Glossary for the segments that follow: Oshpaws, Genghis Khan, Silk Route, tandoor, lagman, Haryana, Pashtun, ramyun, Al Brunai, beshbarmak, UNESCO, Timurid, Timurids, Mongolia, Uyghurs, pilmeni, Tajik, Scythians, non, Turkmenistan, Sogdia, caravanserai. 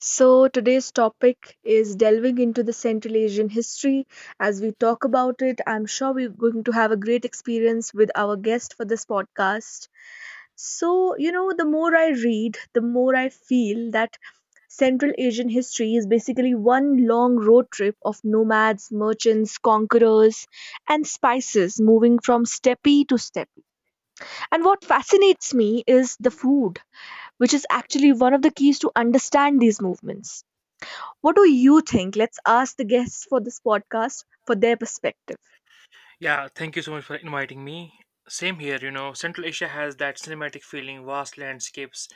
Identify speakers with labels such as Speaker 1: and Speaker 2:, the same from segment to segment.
Speaker 1: So, today's topic is delving into the Central Asian history. As we talk about it, I'm sure we're going to have a great experience with our guest for this podcast. So, you know, the more I read, the more I feel that Central Asian history is basically one long road trip of nomads, merchants, conquerors, and spices moving from steppe to steppe. And what fascinates me is the food, which is actually one of the keys to understand these movements. What do you think? Let's ask the guests for this podcast for their perspective.
Speaker 2: Yeah, thank you so much for inviting me. Same here, Central Asia has that cinematic feeling, vast landscapes,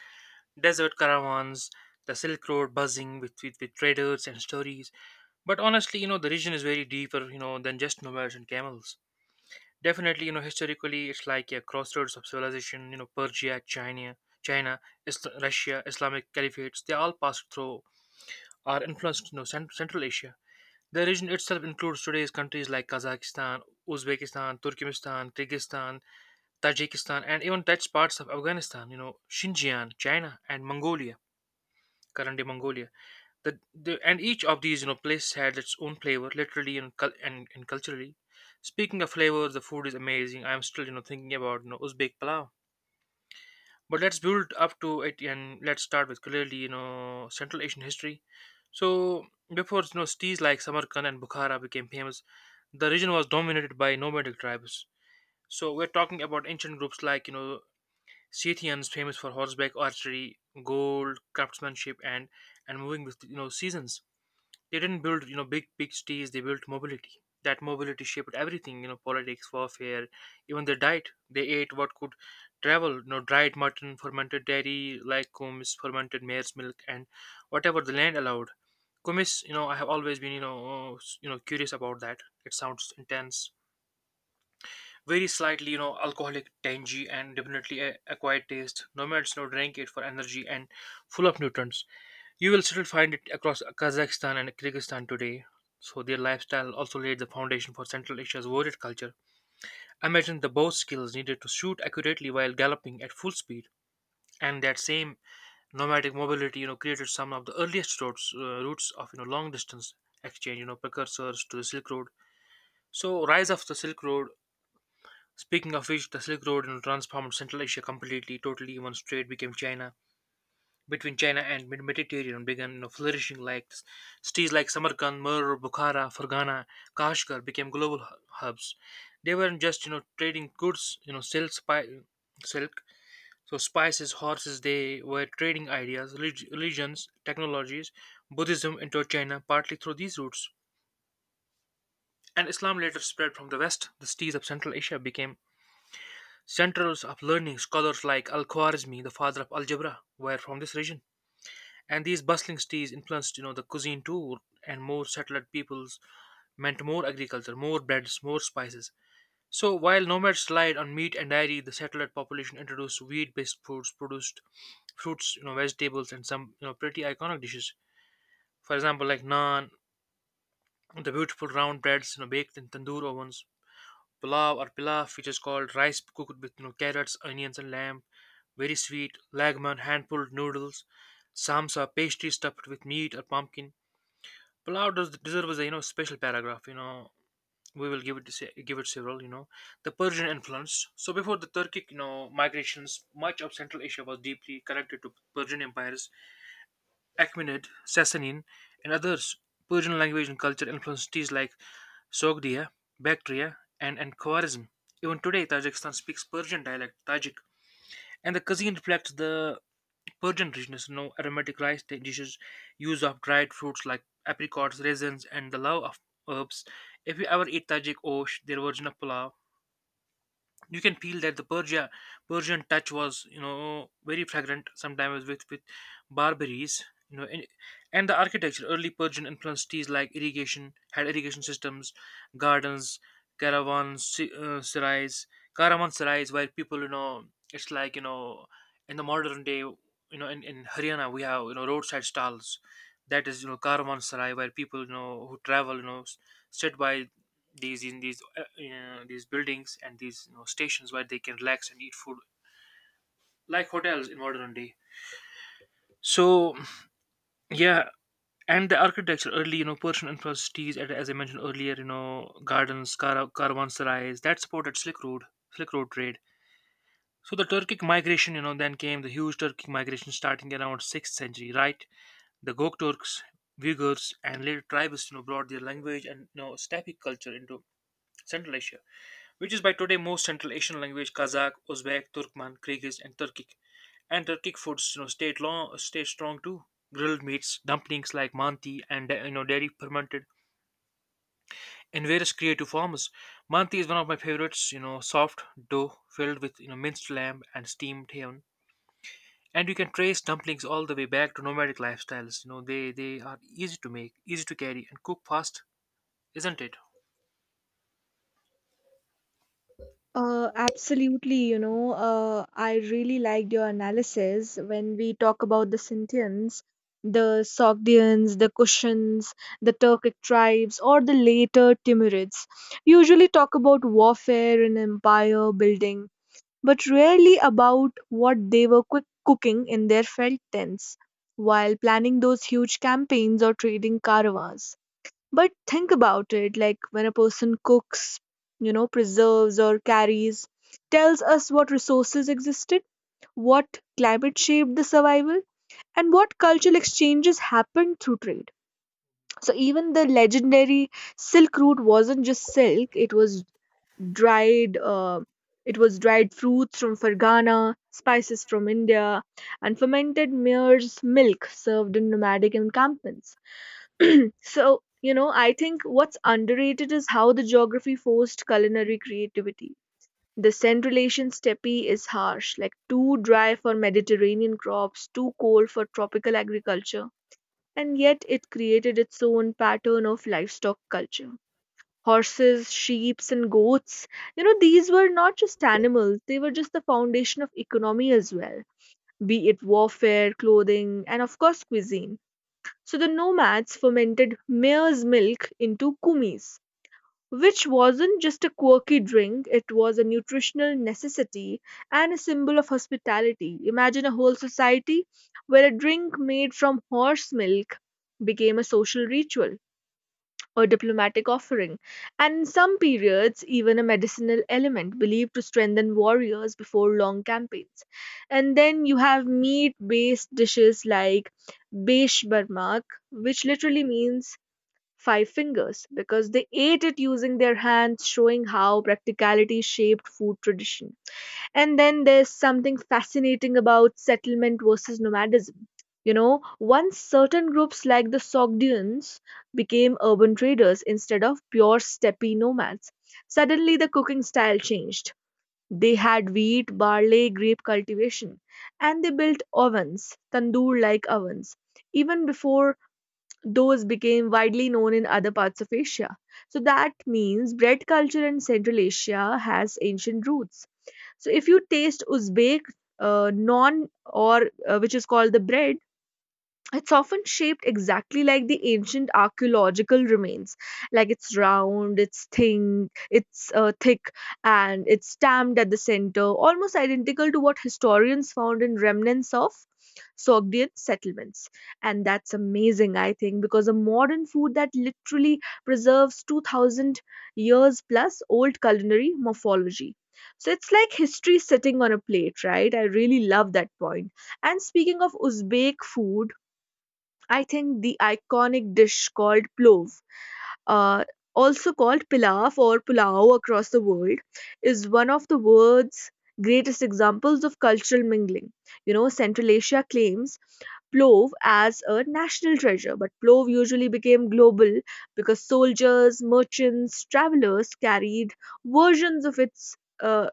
Speaker 2: desert caravans, the Silk Road buzzing with, with traders and stories. But honestly, the region is very deeper, than just nomads and camels. Definitely, historically, it's like a crossroads of civilization, Persia, China, Russia, Islamic caliphates. They all passed through or influenced, Central Asia. The region itself includes today's countries like Kazakhstan, Uzbekistan, Turkmenistan, Kyrgyzstan, Tajikistan, and even touch parts of Afghanistan, Xinjiang, China, and Mongolia, currently Mongolia. And each of these, places had its own flavor, literally and culturally. Speaking of flavors, the food is amazing. I'm still, thinking about, Uzbek palau, but let's build up to it, and let's start with clearly, Central Asian history. So before, cities like Samarkand and Bukhara became famous, the region was dominated by nomadic tribes. So we're talking about ancient groups like, Scythians, famous for horseback archery, gold, craftsmanship, and moving with, seasons. They didn't build, big cities. They built mobility. That mobility shaped everything. You know, politics, warfare, even their diet. They ate what could travel. You know, dried mutton, fermented dairy, like kumis, fermented mare's milk, and whatever the land allowed. Kumis, I have always been, curious about that. It sounds intense. Very slightly, alcoholic, tangy, and definitely a quiet taste. Nomads, drank it for energy and full of nutrients. You will still find it across Kazakhstan and Kyrgyzstan today. So their lifestyle also laid the foundation for Central Asia's warrior culture. Imagine the bow skills needed to shoot accurately while galloping at full speed, and that same nomadic mobility, created some of the earliest routes, routes of, long distance exchange, precursors to the Silk Road. So rise of the Silk Road. Speaking of which, the Silk Road, transformed Central Asia completely, totally. One strait became China between China and Mediterranean began flourishing like cities like Samarkand, Mur, Bukhara, Fergana, Kashgar became global hubs. They weren't just, trading goods, silk, silk, spices, horses. They were trading ideas, religions, technologies. Buddhism entered China partly through these routes, and Islam later spread from the west. The cities of Central Asia became centers of learning. Scholars like Al Khwarizmi, the father of algebra, were from this region. And these bustling cities influenced, the cuisine too, and more settled peoples meant more agriculture, more breads, more spices. So while nomads relied on meat and dairy, the settled population introduced wheat based foods, produced fruits, vegetables, and some, pretty iconic dishes. For example, like naan, the beautiful round breads, baked in tandoor ovens; pulao or pilaf, which is called rice cooked with, carrots, onions and lamb; very sweet lagman, hand pulled noodles; samsa, pastry stuffed with meat or pumpkin. Palau does deserves a, special paragraph. You know we will give it se- give it several. You know, the Persian influence. So before the Turkic, migrations, much of Central Asia was deeply connected to Persian empires. Achaemenid, Sasanian, and others. Persian language and culture influenced cities like Sogdia, Bactria, and Khwarizm. Even today, Tajikistan speaks Persian dialect Tajik, and the cuisine reflects the Persian richness, aromatic rice dishes, use of dried fruits like apricots, raisins, and the love of herbs. If you ever eat tajik osh, their version of pulao, you can feel that Persian touch was, very fragrant sometimes with barberries, you know, and, and the architecture. Early Persian influenced cities like irrigation had irrigation systems, gardens, caravans, sarais, caravan where people, it's like, in the modern day, in Haryana we have, roadside stalls. That is, caravanserai, where people, who travel, sit by these, in these these buildings and these, stations where they can relax and eat food, like hotels in modern day. So yeah, and the architecture, early, Persian influenced cities, and as I mentioned earlier, gardens, caravanserais that supported slick road trade. So the Turkic migration, then came the huge Turkic migration starting around 6th century, right? The Gok Turks, Uyghurs and later tribes, brought their language and, steppe culture into Central Asia, which is by today most Central Asian language: Kazakh, Uzbek, Turkmen, Kyrgyz, and Turkic. And Turkic foods, stayed long, stayed strong too. Grilled meats, dumplings like manti, and, dairy fermented in various creative forms. Manti is one of my favorites. You know, soft dough filled with, minced lamb and steamed ham. And you can trace dumplings all the way back to nomadic lifestyles. You know, they are easy to make, easy to carry, and cook fast, isn't it?
Speaker 1: Absolutely, you know, I really liked your analysis when we talk about the Scythians, the Sogdians, the Kushans, the Turkic tribes, or the later Timurids. Usually talk about warfare and empire building, but rarely about what they were quick cooking in their felt tents while planning those huge campaigns or trading caravans. But think about it, like when a person cooks, you know, preserves or carries, tells us what resources existed, what climate shaped the survival, and what cultural exchanges happened through trade. So even the legendary Silk Route wasn't just silk, it was dried. Uh, dried fruits from Fergana, spices from India, and fermented mare's milk served in nomadic encampments. So, you know, I think what's underrated is how the geography forced culinary creativity. The Centralasian steppe is harsh, like too dry for Mediterranean crops, too cold for tropical agriculture, and yet it created its own pattern of livestock culture. Horses, sheep, and goats, you know, these were not just animals, they were just the foundation of economy as well, be it warfare, clothing, and of course, cuisine. So the nomads fermented mare's milk into kumis, which wasn't just a quirky drink, it was a nutritional necessity and a symbol of hospitality. Imagine a whole society where a drink made from horse milk became a social ritual or diplomatic offering, and in some periods, even a medicinal element believed to strengthen warriors before long campaigns. And then you have meat based dishes like Besh Barmak, which literally means five fingers because they ate it using their hands, showing how practicality shaped food tradition. And then there's something fascinating about settlement versus nomadism. You know, once certain groups like the Sogdians became urban traders instead of pure steppe nomads, suddenly the cooking style changed. They had wheat, barley, grape cultivation, and they built ovens, tandoor like ovens, even before those became widely known in other parts of Asia. So that means bread culture in Central Asia has ancient roots. So if you taste Uzbek non, or which is called the bread, it's often shaped exactly like the ancient archaeological remains. Like it's round, it's thin, it's thick, and it's stamped at the center, almost identical to what historians found in remnants of Sogdian settlements. And that's amazing, I think, because a modern food that literally preserves 2000 years plus old culinary morphology. So it's like history sitting on a plate, right? I really love that point. And speaking of Uzbek food, I think the iconic dish called plov, uh, also called pilaf or pulao across the world, is one of the world's greatest examples of cultural mingling. You know, Central Asia claims Plov as a national treasure, but Plov usually became global because soldiers, merchants, travelers carried versions of its uh,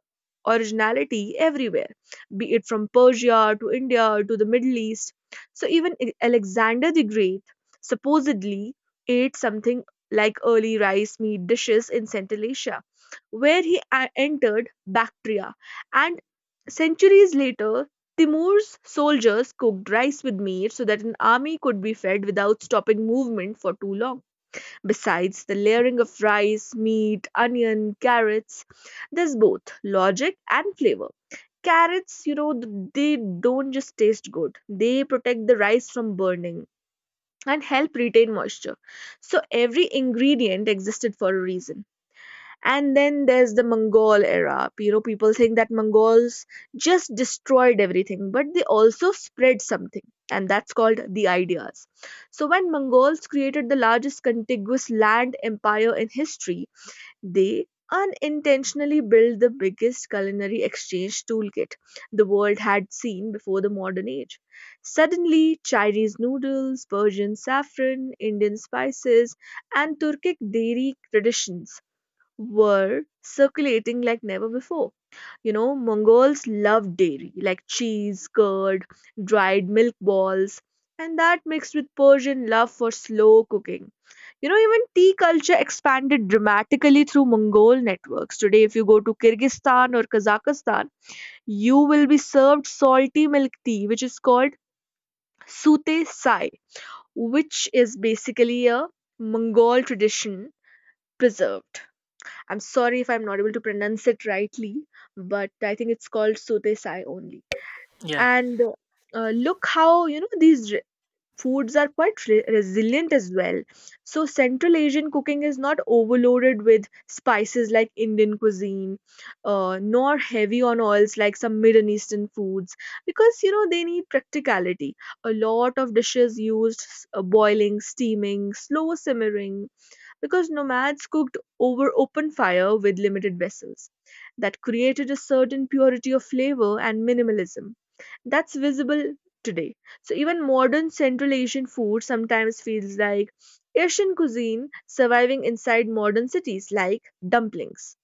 Speaker 1: originality everywhere, be it from Persia to India to the Middle East. So even Alexander the Great supposedly ate something like early rice meat dishes in Central Asia, where he entered Bactria, and centuries later Timur's soldiers cooked rice with meat so that an army could be fed without stopping movement for too long. Besides the layering of rice, meat, onion, carrots, there's both logic and flavor. Carrots, you know, they don't just taste good, they protect the rice from burning and help retain moisture. So every ingredient existed for a reason. And then there's the Mongol era. You know, people think that Mongols just destroyed everything, but they also spread something, and that's called the ideas. So, when Mongols created the largest contiguous land empire in history, they unintentionally built the biggest culinary exchange toolkit the world had seen before the modern age. Suddenly, Chinese noodles, Persian saffron, Indian spices, and Turkic dairy traditions were circulating like never before. You know, Mongols loved dairy, like cheese, curd, dried milk balls, and that mixed with Persian love for slow cooking. You know, even tea culture expanded dramatically through Mongol networks. Today, if you go to Kyrgyzstan or Kazakhstan, you will be served salty milk tea, which is called sute sai, which is basically a Mongol tradition preserved. I'm sorry if I'm not able to pronounce it rightly, but I think it's called sotesai only.
Speaker 2: Yeah.
Speaker 1: And look how, you know, these foods are quite resilient as well. So Central Asian cooking is not overloaded with spices like Indian cuisine, nor heavy on oils like some Middle Eastern foods, because you know they need practicality. A lot of dishes used boiling, steaming, slow simmering, because nomads cooked over open fire with limited vessels. That created a certain purity of flavor and minimalism that's visible today. So even modern Central Asian food sometimes feels like Asian cuisine surviving inside modern cities like dumplings,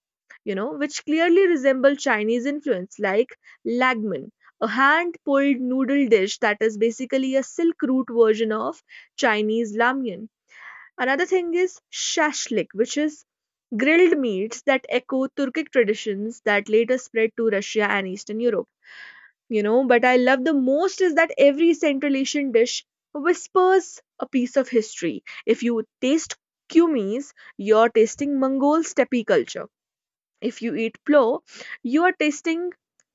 Speaker 1: you know, which clearly resemble Chinese influence like lagman, a hand-pulled noodle dish that is basically a silk root version of Chinese ramyun. Another thing is shashlik, which is grilled meats that echo Turkic traditions that later spread to Russia and Eastern Europe. You know, but I love the most is that every Central Asian dish whispers a piece of history. If you taste kumis, you're tasting Mongol steppe culture. If you eat plo, you are tasting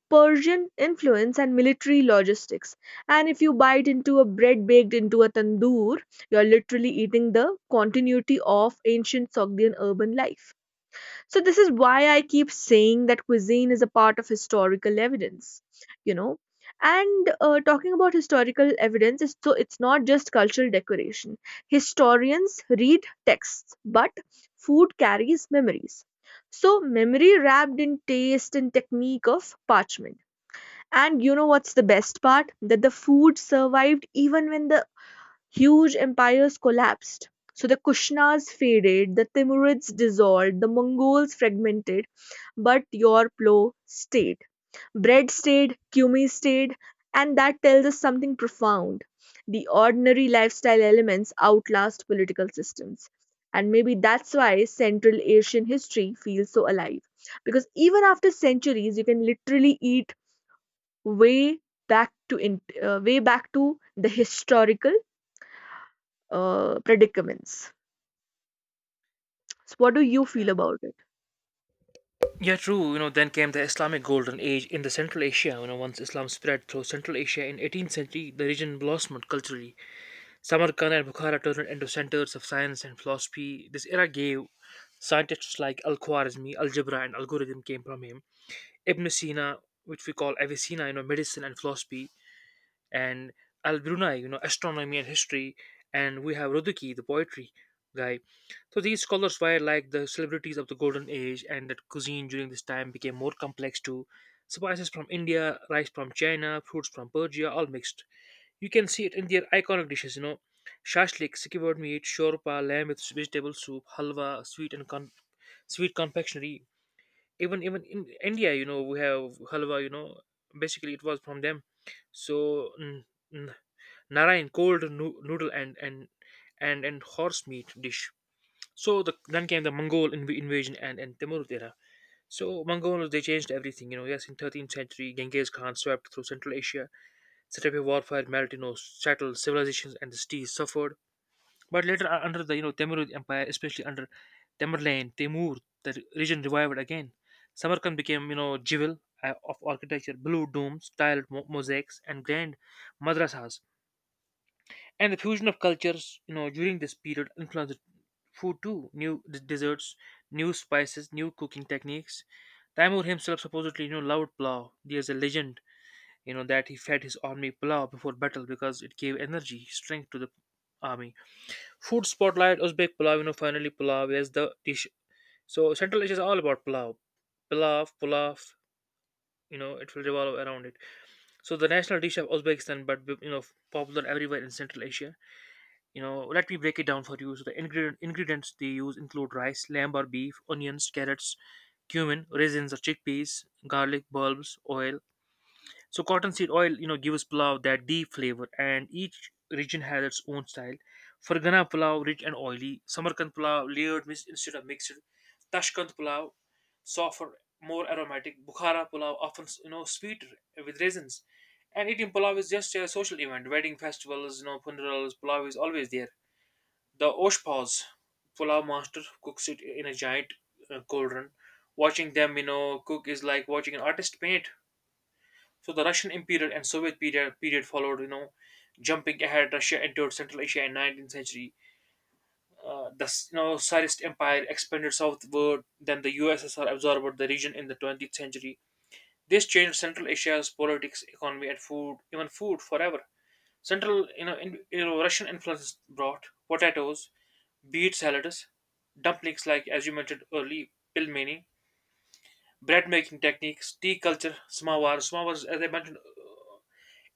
Speaker 1: Persian influence and military logistics. And if you bite into a bread baked into a tandoor, you're literally eating the continuity of ancient Sogdian urban life. So, this is why I keep saying that cuisine is a part of historical evidence, you know. And talking about historical evidence, it's not just cultural decoration. Historians read texts, but food carries memories. So, memory wrapped in taste and technique of parchment. And you know what's the best part? That the food survived even when the huge empires collapsed. So the Kushnas faded, the Timurids dissolved, the Mongols fragmented, but your plow stayed. Bread stayed, cumi stayed, and that tells us something profound. The ordinary lifestyle elements outlast political systems. And maybe that's why Central Asian history feels so alive. Because even after centuries, you can literally eat way way back to the historical predicaments. So what do you feel about it?
Speaker 2: Yeah, true. You know, then came the Islamic Golden Age in the Central Asia. You know, once Islam spread through Central Asia in 18th century, the region blossomed culturally. Samarkand and Bukhara turned into centers of science and philosophy. This era gave scientists like Al-Khwarizmi, algebra, and algorithm came from him; Ibn Sina, which we call Avicenna, medicine and philosophy; and Al Brunai, astronomy and history; and we have Roduki, the poetry guy. So these scholars were like the celebrities of the golden age, and that cuisine during this time became more complex too. Spices from India, rice from China, fruits from Persia, all mixed. You can see it in their iconic dishes, shashlik, secured meat; shorpa, lamb with vegetable soup; halwa, sweet confectionery. Even in India, we have halwa. You know, basically it was from them. So n- Narayan, noodle and, and horse meat dish. So then came the invasion and Timurid era. So Mongols, they changed everything. You know, yes, in 13th century, Genghis Khan swept through Central Asia, set up a warfare, melted, settled civilizations, and the cities suffered. But later, under the, Timurid Empire, especially under Tamerlane, Timur, the region revived again. Samarkand became, jewel, of architecture, blue domes, tiled mosaics, and grand madrasas. And the fusion of cultures, during this period influenced food too. New desserts, new spices, new cooking techniques. Timur himself supposedly, loved plow. There's a legend, that he fed his army plow before battle because it gave energy, strength to the army. Food spotlight: Uzbek pulav, finally pulav is the dish. So Central Asia is all about pulav, pulav, pulav. You know, it will revolve around it. So the national dish of Uzbekistan, but, popular everywhere in Central Asia. You know, let me break it down for you. So the ingredients they use include rice, lamb or beef, onions, carrots, cumin, raisins or chickpeas, garlic bulbs, oil, so cottonseed oil, gives pulao that deep flavor, and each region has its own style. Fargana pulao, rich and oily. Samarkand pulao, layered instead of mixed. Tashkent pulao, softer, more aromatic. Bukhara pulao, often, sweeter with raisins. And eating pulao is just a social event. Wedding festivals, funerals, pulao is always there. The Oshpaws, pulao master, cooks it in a giant, cauldron. Watching them, cook is like watching an artist paint. So the Russian Imperial and Soviet period followed. You know, jumping ahead, Russia entered Central Asia in 19th century. The, Tsarist Empire expanded southward. Then the USSR absorbed the region in the 20th century. This changed Central Asia's politics, economy, and food, even food, forever. Central, you know, in, Russian influence brought potatoes, beet salads, dumplings, like as you mentioned early, pilmeni, bread making techniques, tea culture, samowar. Samowar, as I mentioned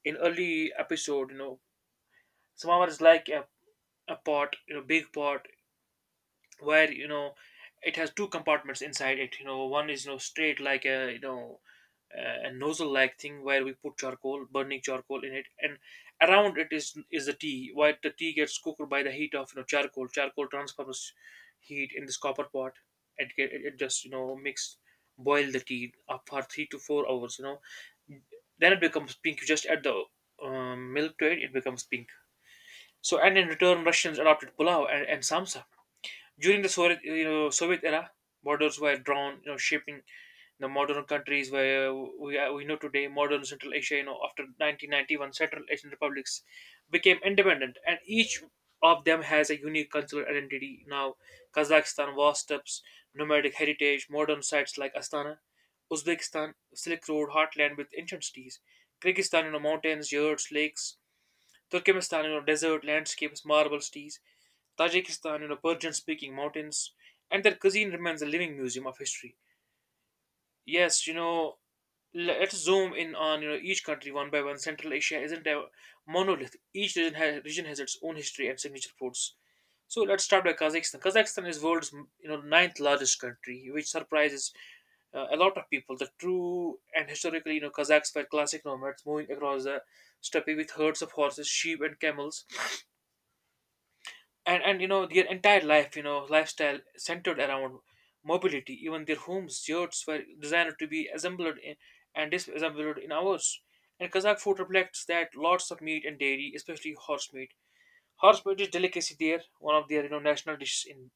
Speaker 2: in early episode, samovar is like a pot, big pot where, it has two compartments inside it. One is, straight like a, a nozzle like thing where we put charcoal, burning charcoal in it. And around it is the tea, where the tea gets cooked by the heat of, charcoal. Charcoal transfers heat in this copper pot. It just, makes, boil the tea up for three to four hours. Then it becomes pink, you just add the milk to it, it becomes pink. So and in return, Russians adopted pulao and Samsa. During the Soviet era, borders were drawn, shaping the modern countries where we know today, modern Central Asia, after 1991, Central Asian republics became independent, and each of them has a unique cultural identity. Now, Kazakhstan, vast steppes, nomadic heritage, modern sites like Astana. Uzbekistan, Silk Road, heartland with ancient cities. Kyrgyzstan, mountains, yurts, lakes. Turkmenistan, desert landscapes, marble cities. Tajikistan, Persian-speaking mountains. And their cuisine remains a living museum of history. Yes, let's zoom in on, each country one by one. Central Asia isn't a monolith. Each region has its own history and signature foods. So let's start by Kazakhstan. Kazakhstan is world's, ninth largest country, which surprises a lot of people. The true and historically, Kazakhs were classic nomads moving across the steppe with herds of horses, sheep, and camels. And , their entire life, lifestyle centered around mobility. Even their homes, yurts, were designed to be assembled in, and disassembled in hours. And Kazakh food reflects that, lots of meat and dairy, especially horse meat. Horse meat is delicacy there. One of their, national dishes in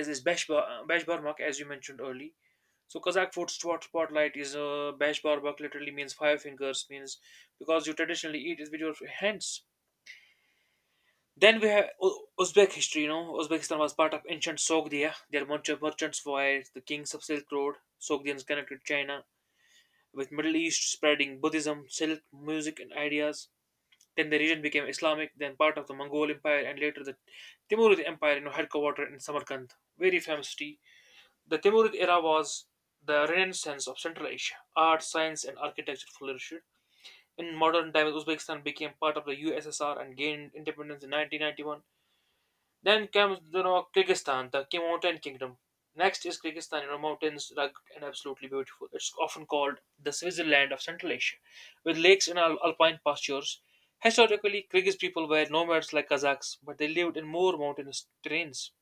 Speaker 2: is this beshbarmak, as you mentioned early. So Kazakh food spotlight is beshbarmak, literally means five fingers, means because you traditionally eat it with your hands. Then we have Uzbek history. You know, Uzbekistan was part of ancient Sogdia. Their merchants voyage, the kings of Silk Road. Sogdians connected China with Middle East, spreading Buddhism, silk, music, and ideas. Then the region became Islamic, then part of the Mongol Empire, and later the Timurid Empire, you know, headquartered in Samarkand, very famous city. The Timurid era was the renaissance of Central Asia. Art, science, and architecture flourished. In modern times, Uzbekistan became part of the USSR and gained independence in 1991. Then comes, Kyrgyzstan, the mountain kingdom. Next is Kyrgyzstan, mountains, rugged and absolutely beautiful. It's often called the Switzerland of Central Asia, with lakes and alpine pastures. Historically, Kyrgyz people were nomads like Kazakhs, but they lived in more mountainous terrains.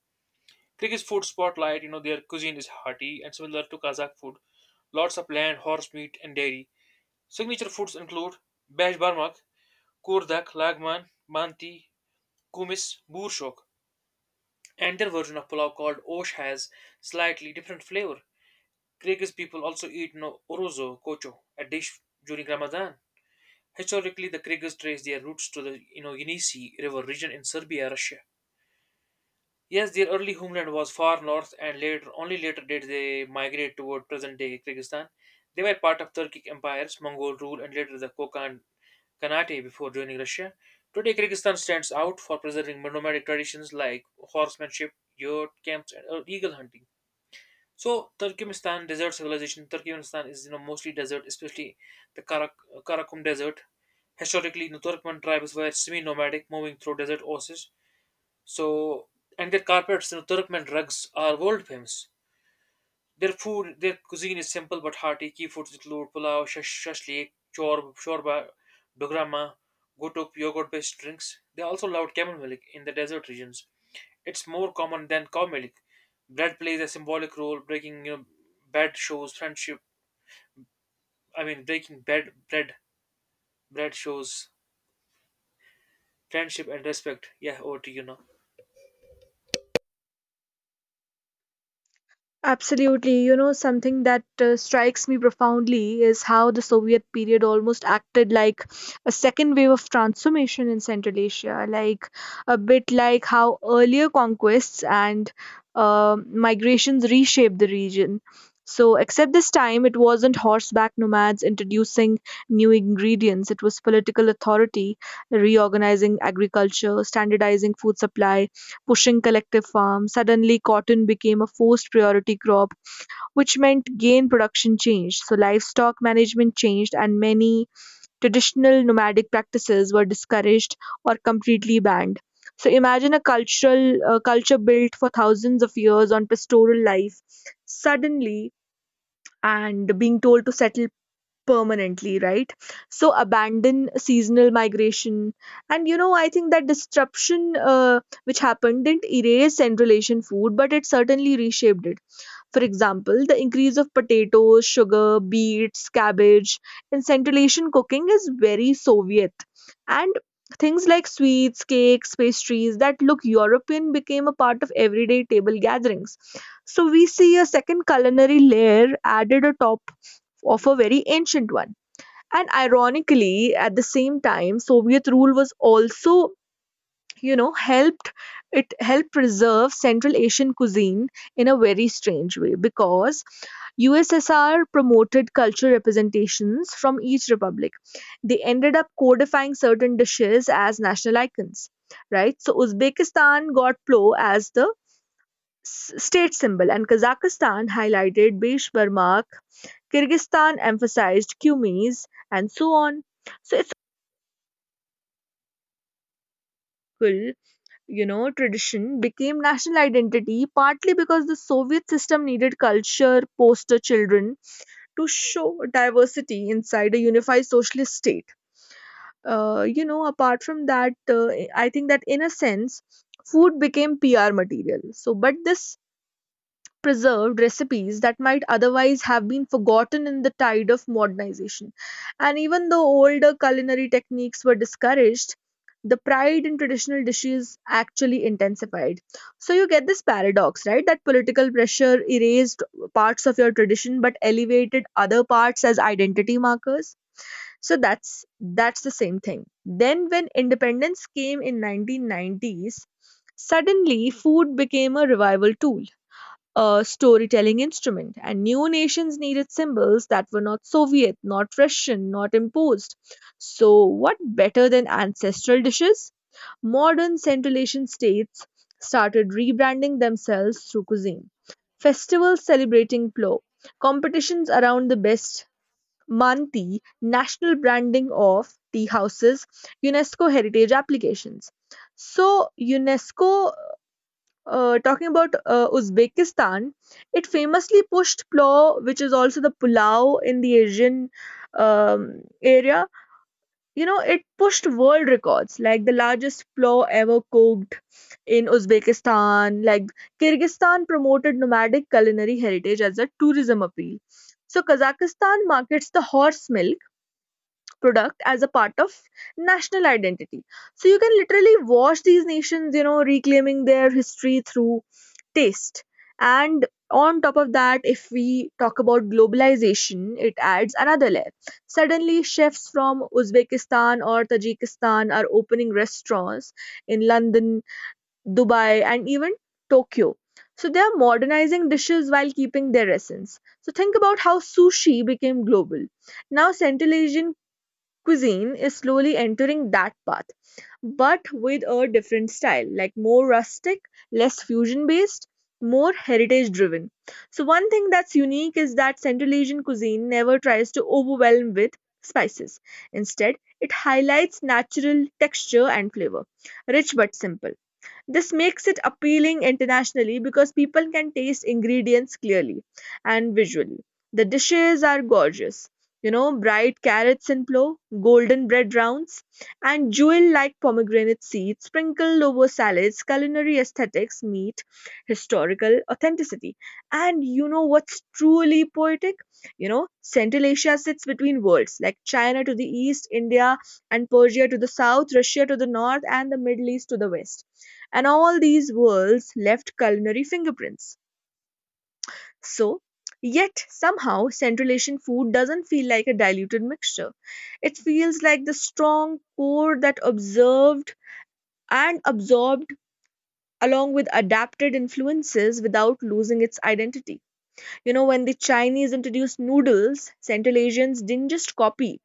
Speaker 2: Kyrgyz food spotlight, their cuisine is hearty and similar to Kazakh food. Lots of land, horse meat, and dairy. Signature foods include beshbarmak, kurdak, lagman, manti, kumis, burshok. And their version of pulao called osh has slightly different flavor. Kyrgyz people also eat no orozo kocho, a dish during Ramadan. Historically, the Kyrgyz trace their roots to the Yenisei River region in Serbia, Russia. Yes, their early homeland was far north, and later, only later did they migrate toward present-day Kyrgyzstan. They were part of Turkic empires, Mongol rule, and later the Kokand Khanate before joining Russia. Today, Kyrgyzstan stands out for preserving nomadic traditions like horsemanship, yurt camps, and eagle hunting. So, Turkmenistan, desert civilization. Turkmenistan is, mostly desert, especially the Karakum Desert. Historically, the Turkmen tribes were semi-nomadic, moving through desert oases. So, and their carpets, you know, Turkmen rugs are world famous. Their food, their cuisine is simple but hearty. Key foods include pulao, shashlik, shorba, dograma, gotuk, yogurt-based drinks. They also allowed camel milk in the desert regions. It's more common than cow milk. Bread plays a symbolic role, breaking bad shows friendship. I mean, breaking bad bread bread shows friendship and respect. Yeah, over to you now.
Speaker 1: Absolutely. You know, something that strikes me profoundly is how the Soviet period almost acted like a second wave of transformation in Central Asia, like a bit like how earlier conquests and migrations reshaped the region. So, except this time, it wasn't horseback nomads introducing new ingredients. It was political authority reorganizing agriculture, standardizing food supply, pushing collective farms. Suddenly, cotton became a forced priority crop, which meant gain production changed. So, livestock management changed, and many traditional nomadic practices were discouraged or completely banned. So, imagine a cultural culture built for thousands of years on pastoral life, suddenly and being told to settle permanently, right? So abandon seasonal migration. And you know, I think that disruption which happened didn't erase Central Asian food, but it certainly reshaped it. For example, the increase of potatoes, sugar, beets, cabbage in Central Asian cooking is very Soviet. And things like sweets, cakes, pastries that look European became a part of everyday table gatherings. So we see a second culinary layer added atop of a very ancient one. And ironically, at the same time, Soviet rule was also, you know, helped it helped preserve Central Asian cuisine in a very strange way because USSR promoted cultural representations from each republic. They ended up codifying certain dishes as national icons, right? So Uzbekistan got plo as the state symbol, and Kazakhstan highlighted Beshbarmak, Kyrgyzstan emphasized Kumis, and so on. So it's cool, you know, tradition became national identity partly because the Soviet system needed culture, poster children to show diversity inside a unified socialist state. You know, apart from that, I think that in a sense, food became PR material. So, but this preserved recipes that might otherwise have been forgotten in the tide of modernization. And even though older culinary techniques were discouraged, the pride in traditional dishes actually intensified. So you get this paradox, right? That political pressure erased parts of your tradition but elevated other parts as identity markers. So that's the same thing. Then when independence came in 1990s, suddenly food became a revival tool, a storytelling instrument, and new nations needed symbols that were not Soviet, not Russian, not imposed. So, what better than ancestral dishes? Modern Central Asian states started rebranding themselves through cuisine. Festivals celebrating plo, competitions around the best manti, national branding of tea houses, UNESCO heritage applications. So, UNESCO talking about Uzbekistan, it famously pushed plow, which is also the pulao in the Asian area. You know, it pushed world records, like the largest plow ever cooked in Uzbekistan. Like Kyrgyzstan promoted nomadic culinary heritage as a tourism appeal. So Kazakhstan markets the horse milk product as a part of national identity. So you can literally watch these nations, you know, reclaiming their history through taste. And on top of that, if we talk about globalization, it adds another layer. Suddenly, chefs from Uzbekistan or Tajikistan are opening restaurants in London, Dubai, and even Tokyo. So they are modernizing dishes while keeping their essence. So think about how sushi became global. Now, Central Asian cuisine is slowly entering that path, but with a different style, like more rustic, less fusion based, more heritage driven. So, one thing that's unique is that Central Asian cuisine never tries to overwhelm with spices. Instead, it highlights natural texture and flavor, rich but simple. This makes it appealing internationally because people can taste ingredients clearly and visually. The dishes are gorgeous. You know, bright carrots in plow, golden bread rounds, and jewel like pomegranate seeds sprinkled over salads, culinary aesthetics meet historical authenticity. And you know what's truly poetic? You know, Central Asia sits between worlds like China to the east, India and Persia to the south, Russia to the north, and the Middle East to the west and all these worlds left culinary fingerprints. So, yet somehow Central Asian food doesn't feel like a diluted mixture. It feels like the strong core that observed and absorbed along with adapted influences without losing its identity. You know, when the Chinese introduced noodles, Central Asians didn't just copy.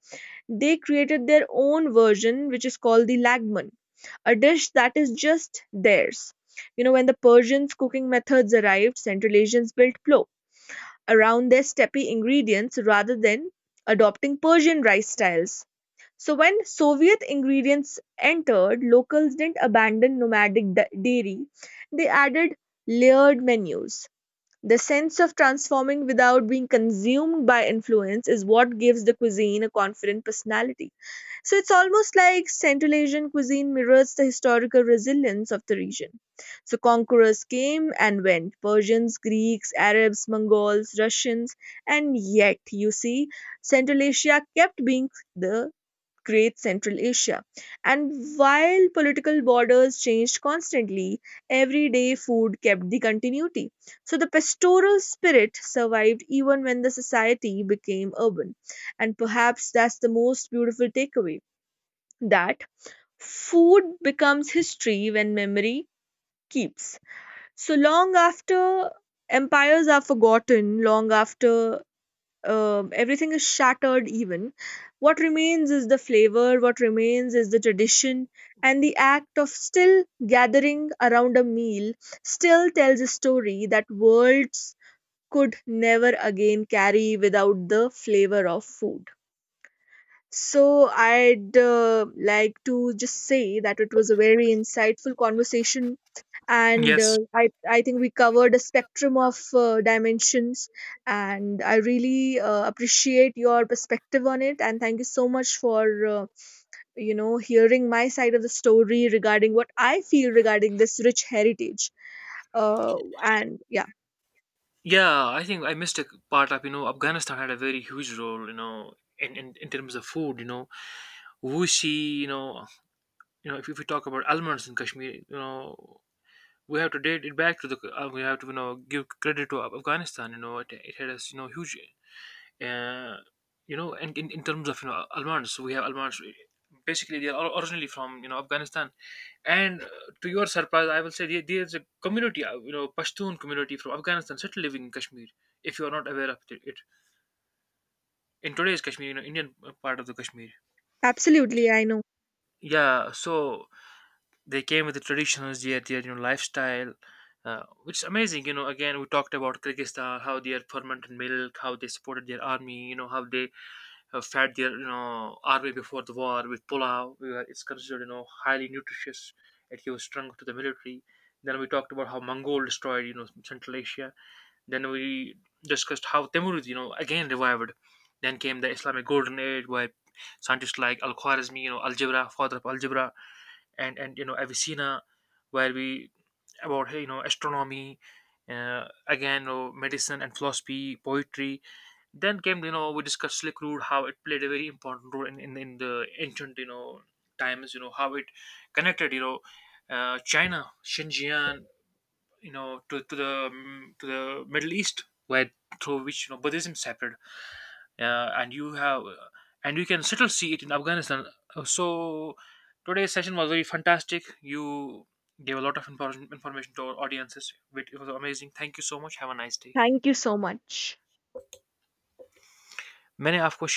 Speaker 1: They created their own version, which is called the lagman, a dish that is just theirs. You know, when the Persians' cooking methods arrived, Central Asians built plo around their steppe ingredients rather than adopting Persian rice styles. So, when Soviet ingredients entered, locals didn't abandon nomadic dairy, they added layered menus. The sense of transforming without being consumed by influence is what gives the cuisine a confident personality. So it's almost like Central Asian cuisine mirrors the historical resilience of the region. So conquerors came and went, Persians, Greeks, Arabs, Mongols, Russians, and yet, you see, Central Asia kept being the Great Central Asia. And while political borders changed constantly, everyday food kept the continuity. So the pastoral spirit survived even when the society became urban. And perhaps that's the most beautiful takeaway, that food becomes history when memory keeps. So long after empires are forgotten, long after everything is shattered, even what remains is the flavor, what remains is the tradition, and the act of still gathering around a meal still tells a story that words could never again carry without the flavor of food. So I'd like to just say that it was a very insightful conversation, and
Speaker 2: Yes.
Speaker 1: I think we covered a spectrum of dimensions, and I really appreciate your perspective on it, and thank you so much for hearing my side of the story regarding what I feel regarding this rich heritage. And yeah,
Speaker 2: Yeah, I think I missed a part of, Afghanistan had a very huge role you know, in terms of food, wushi. You know, if we talk about almonds in Kashmir, we have to date it back to the, we have to, give credit to Afghanistan. You know, it had a, huge uh, you know, and in terms of, almonds, we have almonds, basically they are originally from, Afghanistan. And to your surprise, I will say there's a community, Pashtun community from Afghanistan still living in Kashmir. If you are not aware of it, in today's Kashmir, you know, Indian part of the Kashmir.
Speaker 1: absolutely, I know.
Speaker 2: Yeah, so they came with the traditions, yeah, their, lifestyle, which is amazing. You know, again we talked about Kyrgyzstan, how they had fermented milk, how they supported their army, you know, how they fed their, army before the war with pulao, where it's considered, highly nutritious. It gives strength to the military. Then we talked about how Mongol destroyed, Central Asia. Then we discussed how Timurids, you know, again revived. Then came the Islamic golden age, where scientists like al-Khwarizmi, you know, algebra, father of algebra, and , Avicenna, where we about hey, you know, astronomy, again, you know, medicine and philosophy, poetry. Then came, you know, we discussed Silk Road, how it played a very important role in the ancient, times. You know how it connected China, Xinjiang, you know, to to the Middle East, where through which, you know, Buddhism separated and you have, and you can still see it in Afghanistan. So today's session was very fantastic. You gave a lot of important information to our audiences, it was amazing. Thank you so much, have a nice day.
Speaker 1: Thank you so much.
Speaker 2: मैंने आपको